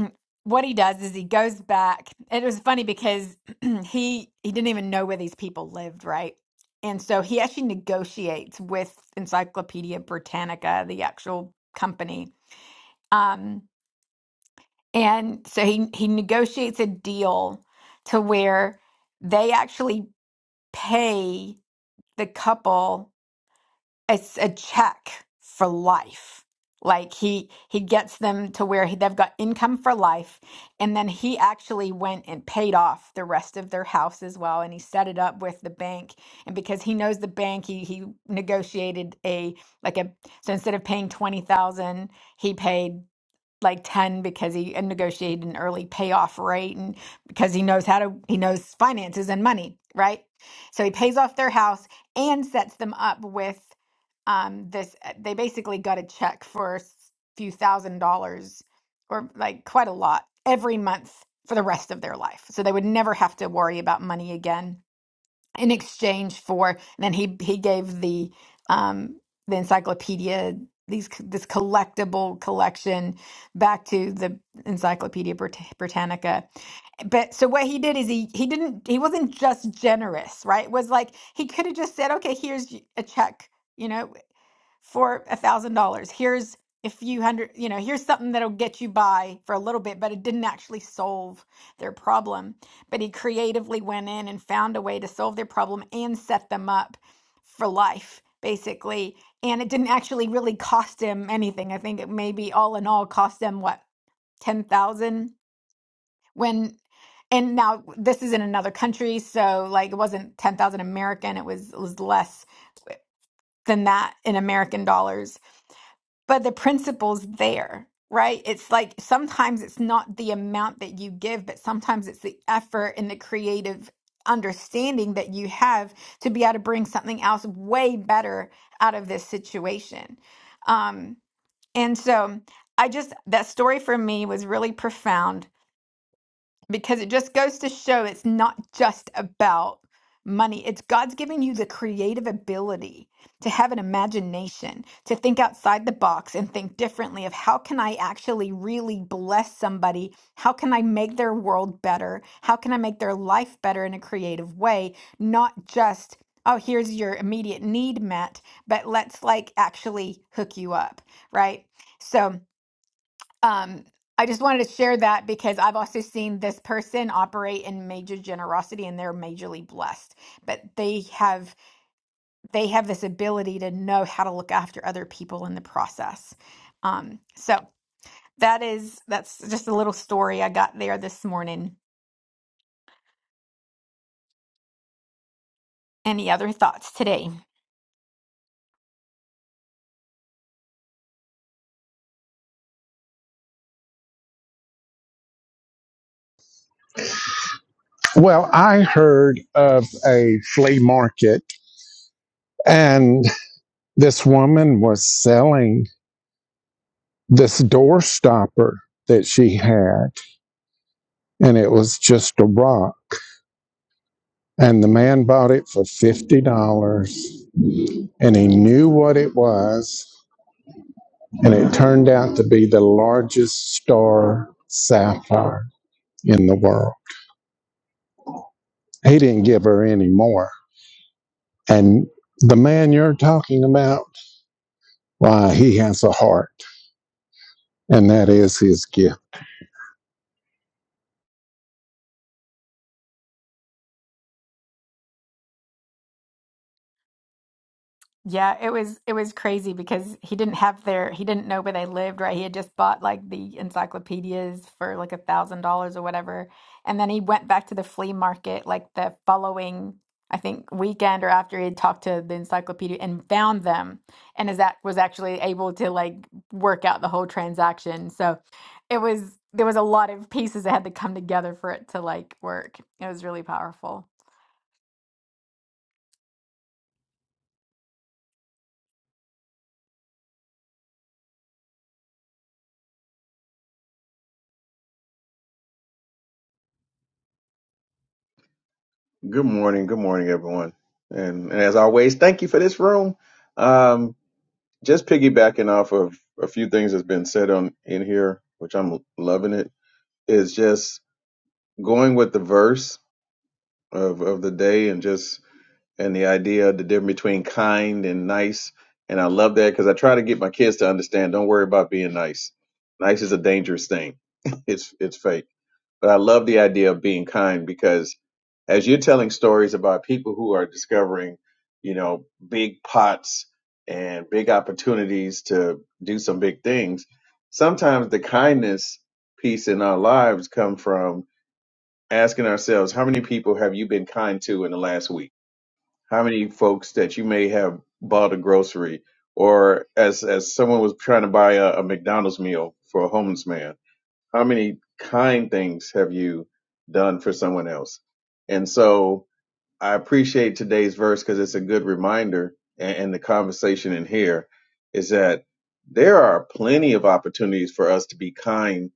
Speaker 3: what he does is he goes back. It was funny because he he didn't even know where these people lived, right? And so he actually negotiates with Encyclopedia Britannica, the actual company. Um, and so he he negotiates a deal to where they actually pay the couple it's a check for life. Like he he gets them to where he, they've got income for life, and then he actually went and paid off the rest of their house as well, and he set it up with the bank. And because he knows the bank, he he negotiated a like a so instead of paying twenty thousand, he paid like 10 because he negotiated an early payoff rate and because he knows how to he knows finances and money right so he pays off their house and sets them up with um this uh, they basically got a check for a few thousand dollars or like quite a lot every month for the rest of their life so they would never have to worry about money again in exchange for and then he he gave the um the encyclopedia these this collectible collection back to the encyclopedia Brit- britannica but so what he did is he he didn't he wasn't just generous right it was like he could have just said okay here's y- a check you know for a thousand dollars. Here's a few hundred, you know, here's something that'll get you by for a little bit, but it didn't actually solve their problem. But he creatively went in and found a way to solve their problem and set them up for life, basically. And it didn't actually really cost him anything. I think it maybe all in all cost them what, ten thousand when and now this is in another country, so like it wasn't ten thousand American, it was it was less than that in American dollars but the principle's there, right? It's like sometimes it's not the amount that you give, but sometimes it's the effort and the creative understanding that you have to be able to bring something else way better out of this situation. Um, and so I just, that story for me was really profound because it just goes to show it's not just about money. It's God's giving you the creative ability to have an imagination, to think outside the box and think differently of how can I actually really bless somebody? How can I make their world better? How can I make their life better in a creative way? Not just Oh, here's your immediate need met, but let's like actually hook you up, right? So, um, I just wanted to share that because I've also seen this person operate in major generosity and they're majorly blessed. But they have they have this ability to know how to look after other people in the process. Um, so that is that's just a little story I got there this morning. Any other thoughts today?
Speaker 1: Well, I heard of a flea market, and this woman was selling this door stopper that she had, and it was just a rock. And the man bought it for $50, and he knew what it was. and it turned out to be the largest star sapphire in the world. He didn't give her any more. And the man you're talking about, why, he has a heart, and that is his gift.
Speaker 3: Yeah, it was it was crazy because he didn't have their he didn't know where they lived, right? He had just bought like the encyclopedias for like a thousand dollars or whatever. And then he went back to the flea market like the following, I think, weekend or after he had talked to the encyclopedia and found them and is that was actually able to like work out the whole transaction. So it was there was a lot of pieces that had to come together for it to like work. It was really powerful.
Speaker 9: Good morning. Good morning, everyone. And, and as always, thank you for this room. Um, just piggybacking off of a few things that's been said on in here, which I'm loving it, is just going with the verse of, of the day and just and the idea of the difference between kind and nice. And I love that because I try to get my kids to understand, don't worry about being nice. Nice is a dangerous thing. it's it's fake but I love the idea of being kind because as you're telling stories about people who are discovering, you know, big pots and big opportunities to do some big things, sometimes the kindness piece in our lives come from asking ourselves, how many people have you been kind to in the last week? How many folks that you may have bought a grocery or as as someone was trying to buy a, a McDonald's meal for a homeless man how many kind things have you done for someone else? And so I appreciate today's verse because it's a good reminder and, and the conversation in here is that there are plenty of opportunities for us to be kind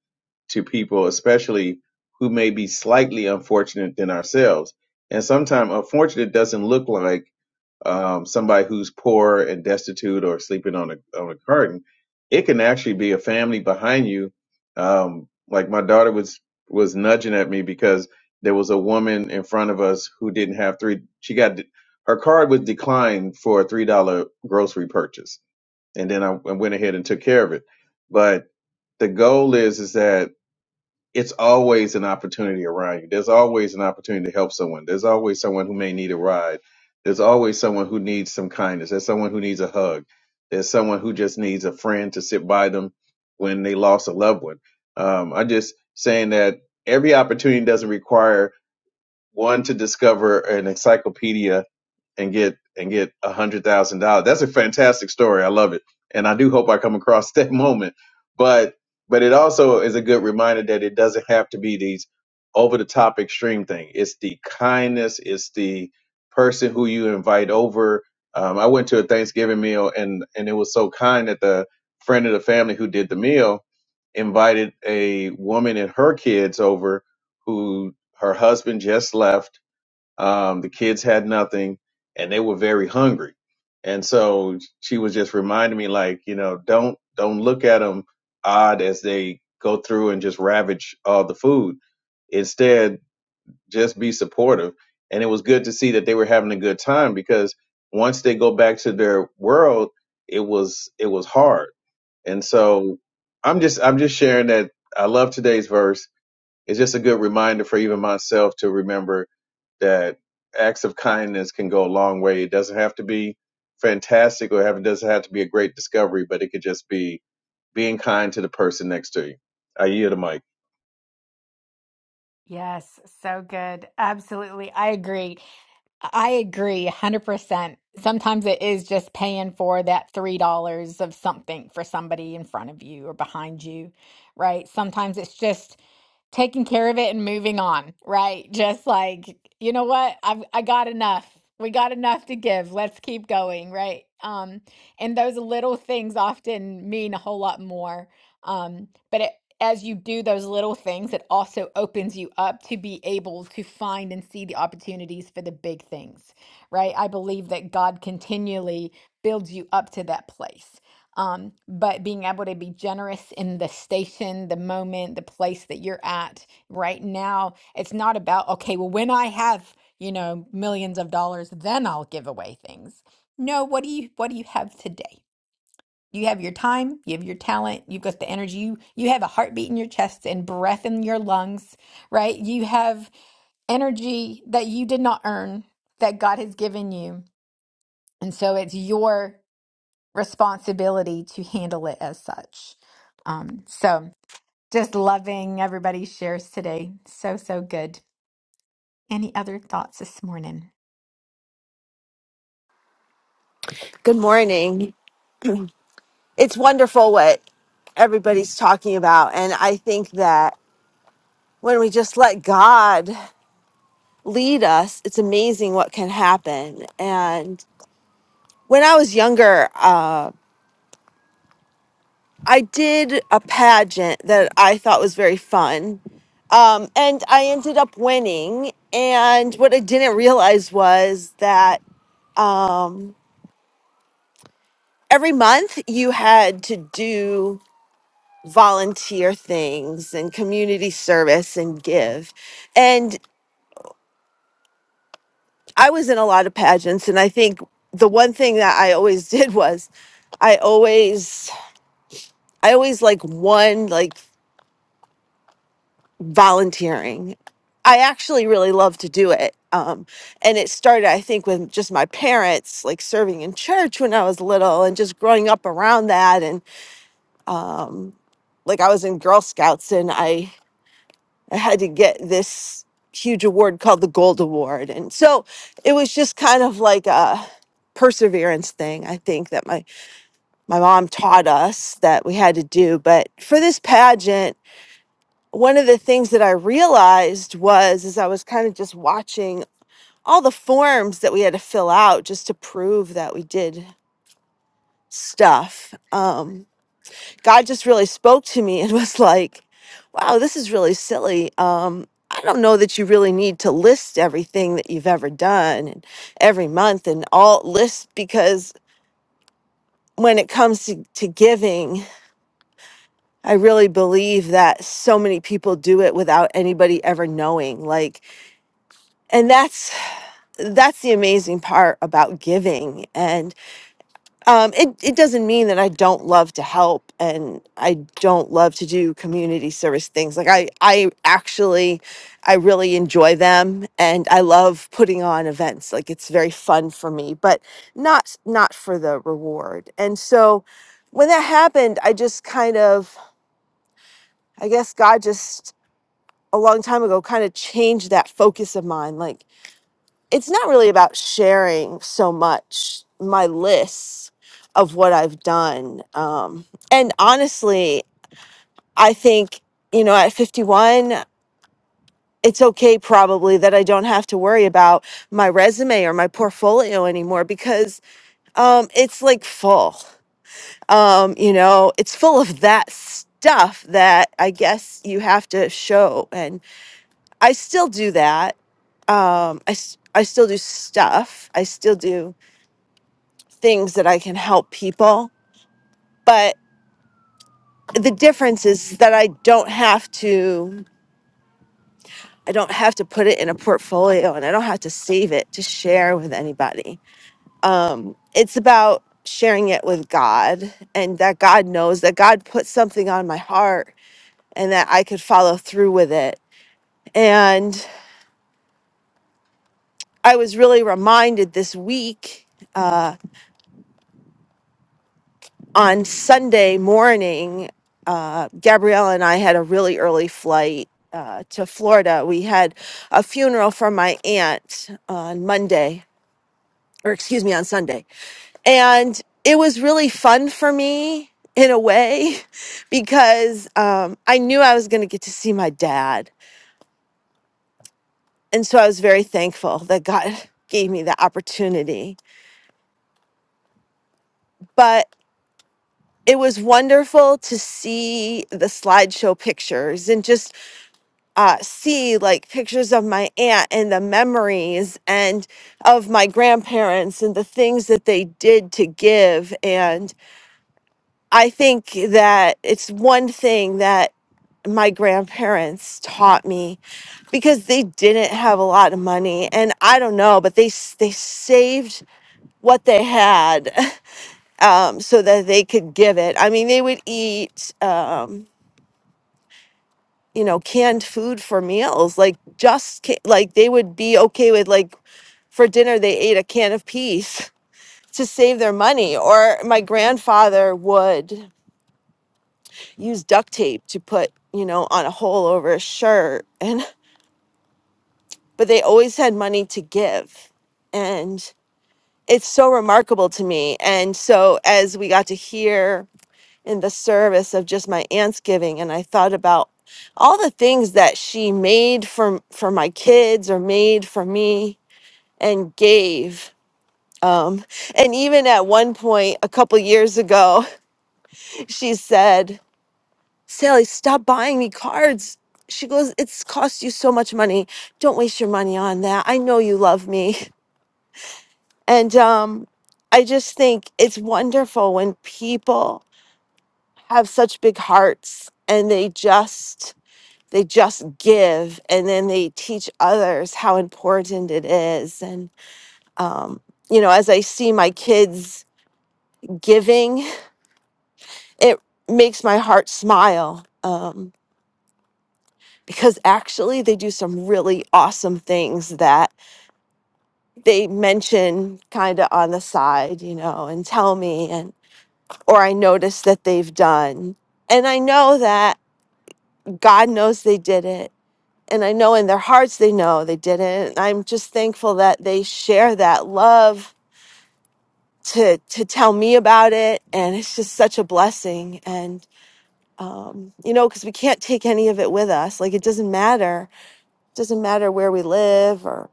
Speaker 9: to people, especially who may be slightly unfortunate than ourselves. And sometimes unfortunate doesn't look like um, somebody who's poor and destitute or sleeping on a on a carton. It can actually be a family behind you. Um, like my daughter was was nudging at me because there was a woman in front of us who didn't have three. She got her card was declined for a three dollar grocery purchase, and then I, I went ahead and took care of it. But the goal is is that it's always an opportunity around you. There's always an opportunity to help someone. There's always someone who may need a ride. There's always someone who needs some kindness. There's someone who needs a hug. There's someone who just needs a friend to sit by them when they lost a loved one. Um, I'm just saying that every opportunity doesn't require one to discover an encyclopedia and get and get a hundred thousand dollars. That's a fantastic story. I love it, and I do hope I come across that moment. But but it also is a good reminder that it doesn't have to be these over the top extreme thing. It's the kindness. It's the person who you invite over. Um, I went to a Thanksgiving meal, and and it was so kind that the friend of the family who did the meal invited a woman and her kids over, who her husband just left um, the kids had nothing and they were very hungry. And so she was just reminding me like, you know, don't, don't look at them odd as they go through and just ravage all the food. Instead, just be supportive. And it was good to see that they were having a good time because once they go back to their world, it was, it was hard. And so I'm just, I'm just sharing that I love today's verse. It's just a good reminder for even myself to remember that acts of kindness can go a long way. It doesn't have to be fantastic or have, it doesn't have to be a great discovery, but it could just be being kind to the person next to you. I yield the mic.
Speaker 3: Yes, so good. Absolutely. I agree. I agree 100%. Sometimes it is just paying for that $3 of something for somebody in front of you or behind you, right? Sometimes it's just taking care of it and moving on, right? Just like, you know what? I've I got enough. We got enough to give. Let's keep going, right? Um, and those little things often mean a whole lot more. Um, but it as you do those little things, it also opens you up to be able to find and see the opportunities for the big things, right? I believe that God continually builds you up to that place. Um, but being able to be generous in the station, the moment, the place that you're at right now, it's not about, okay, well, when I have, you know, millions of dollars, then I'll give away things. No, what do you what do you have today? You have your time, you have your talent, you've got the energy, you, you have a heartbeat in your chest and breath in your lungs, right? You have energy that you did not earn that God has given you. And so it's your responsibility to handle it as such. Um, so just loving everybody's shares today. So, so good. Any other thoughts this morning?
Speaker 10: Good morning. It's wonderful what everybody's talking about. And I think that when we just let God lead us, it's amazing what can happen. And when I was younger, uh, I did a pageant that I thought was very fun. Um, and I ended up winning. And what I didn't realize was that um, every month you had to do volunteer things and community service and give. And I was in a lot of pageants and I think the one thing that I always did was I always I always like won like volunteering. I actually really love to do it. Um, and it started, I think, with just my parents like serving in church when I was little and just growing up around that. And um, like I was in Girl Scouts and I I had to get this huge award called the Gold Award. And so it was just kind of like a perseverance thing, I think, that my, my mom taught us that we had to do. But for this pageant, one of the things that I realized was as I was kind of just watching all the forms that we had to fill out just to prove that we did stuff. Um, God just really spoke to me and was like, wow, this is really silly. Um, I don't know that you really need to list everything that you've ever done and every month and all lists because when it comes to, to giving, I really believe that so many people do it without anybody ever knowing. Like, and that's that's the amazing part about giving. And um, it, it doesn't mean that I don't love to help and I don't love to do community service things. Like I, I actually, I really enjoy them and I love putting on events. Like it's very fun for me, but not, not for the reward. And so when that happened, I just kind of, I guess God just a long time ago kind of changed that focus of mine. Like it's not really about sharing so much my lists of what I've done. Um, and honestly, I think, you know, at 51, it's okay probably that I don't have to worry about my resume or my portfolio anymore because um, it's like full. Um, you know, it's full of that stuff that I guess you have to show. And I still do that. Um, I, s- I still do stuff. I still do things that I can help people. But the difference is that I don't have to I don't have to put it in a portfolio and I don't have to save it to share with anybody. Um, it's about sharing it with God and that God knows that God put something on my heart and that I could follow through with it. And I was really reminded this week uh, on Sunday morning, uh, Gabrielle and I had a really early flight uh, to Florida. We had a funeral for my aunt on Monday, or excuse me, on Sunday. And it was really fun for me in a way because um, I knew I was going to get to see my dad. And so I was very thankful that God gave me the opportunity. But it was wonderful to see the slideshow pictures and just uh, see like pictures of my aunt and the memories and of my grandparents and the things that they did to give. And I think that it's one thing that my grandparents taught me because they didn't have a lot of money and I don't know but they s- they saved what they had um so that they could give it I mean they would eat um you know, canned food for meals. Like just ca- like they would be okay with like for dinner they ate a can of peas to save their money. Or my grandfather would use duct tape to put you know on a hole over a shirt, and but they always had money to give, and it's so remarkable to me. And so as we got to hear in the service of just my aunt's giving and I thought about all the things that she made for for my kids or made for me and gave um and even at one point a couple years ago she said Sally stop buying me cards she goes it's cost you so much money don't waste your money on that I know you love me and um I just think it's wonderful when people have such big hearts and they just they just give and then they teach others how important it is and um, you know as i see my kids giving it makes my heart smile um, because actually they do some really awesome things that they mention kind of on the side you know and tell me and or i notice that they've done and i know that god knows they did it and I know in their hearts they know they didn't. I'm just thankful that they share that love to to tell me about it, and it's just such a blessing. And um, you know, because we can't take any of it with us. Like it doesn't matter. It doesn't matter where we live, or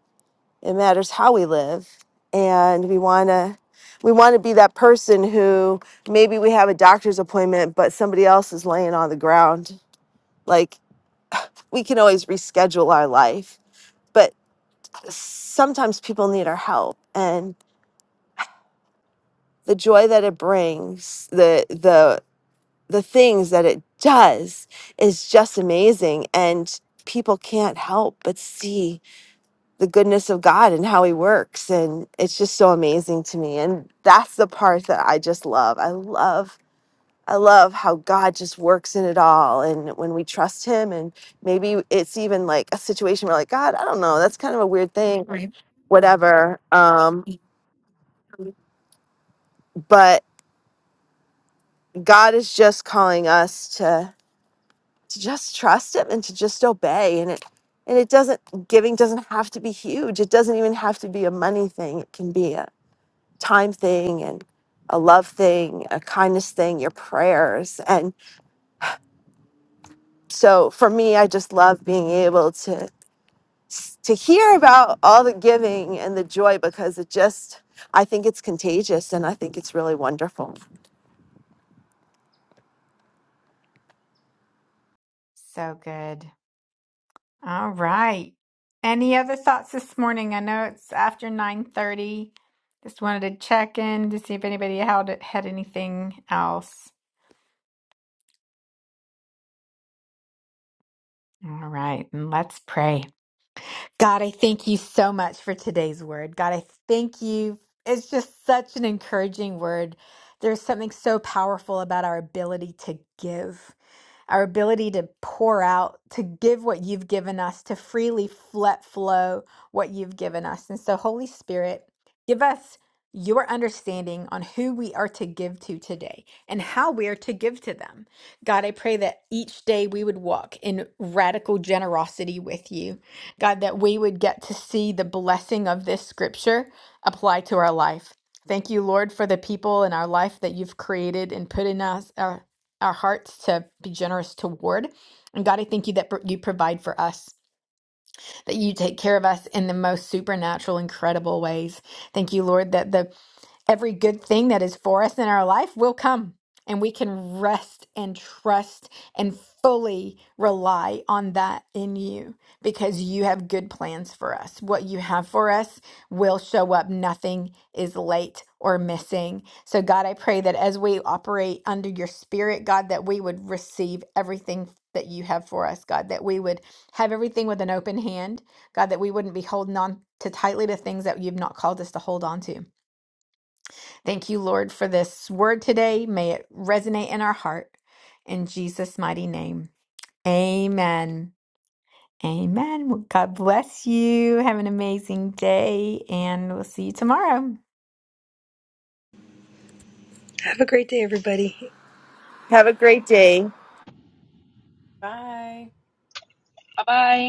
Speaker 10: it matters how we live. And we wanna we want to be that person who maybe we have a doctor's appointment, but somebody else is laying on the ground. Like we can always reschedule our life but. sometimes people need our help and the joy that it brings the the the things that it does is just amazing and people can't help but see the goodness of God and how he works and it's just so amazing to me and that's the part that I just love I love I love how God just works in it all and when we trust him and maybe it's even like a situation where like God I don't know that's kind of a weird thing or whatever um but God is just calling us to to just trust him and to just obey and it and it doesn't giving doesn't have to be huge. It doesn't even have to be a money thing. It can be a time thing and a love thing, a kindness thing, your prayers. And so for me, I just love being able to to hear about all the giving and the joy because it just I think it's contagious and I think it's really wonderful.
Speaker 3: So good. All right. Any other thoughts this morning? I know it's after 9:30. Just wanted to check in to see if anybody had had anything else. All right, and let's pray. God, I thank you so much for today's word. God, I thank you. It's just such an encouraging word. There's something so powerful about our ability to give. our ability to pour out, to give what you've given us, to freely let flow what you've given us. And so, Holy Spirit, give us your understanding on who we are to give to today and how we are to give to them. God, I pray that each day we would walk in radical generosity with you. God, that we would get to see the blessing of this scripture apply to our life. Thank you, Lord, for the people in our life that you've created and put in us. uh, our hearts to be generous toward. And God, I thank you that pr- you provide for us, that you take care of us in the most supernatural, incredible ways. Thank you, Lord, that the every good thing that is for us in our life will come and we can rest and trust and fully rely on that in you because you have good plans for us. What you have for us will show up. Nothing is late or missing. So, God, I pray that as we operate under your spirit, God, that we would receive everything that you have for us, God, that we would have everything with an open hand, God, that we wouldn't be holding on too tightly to things that you've not called us to hold on to. Thank you, Lord, for this word today. May it resonate in our heart. In Jesus' mighty name. Amen. Amen. Well, God bless you. Have an amazing day, and we'll see you tomorrow.
Speaker 6: Have a great day, everybody.
Speaker 10: Have a great day.
Speaker 5: Bye.
Speaker 7: Bye bye.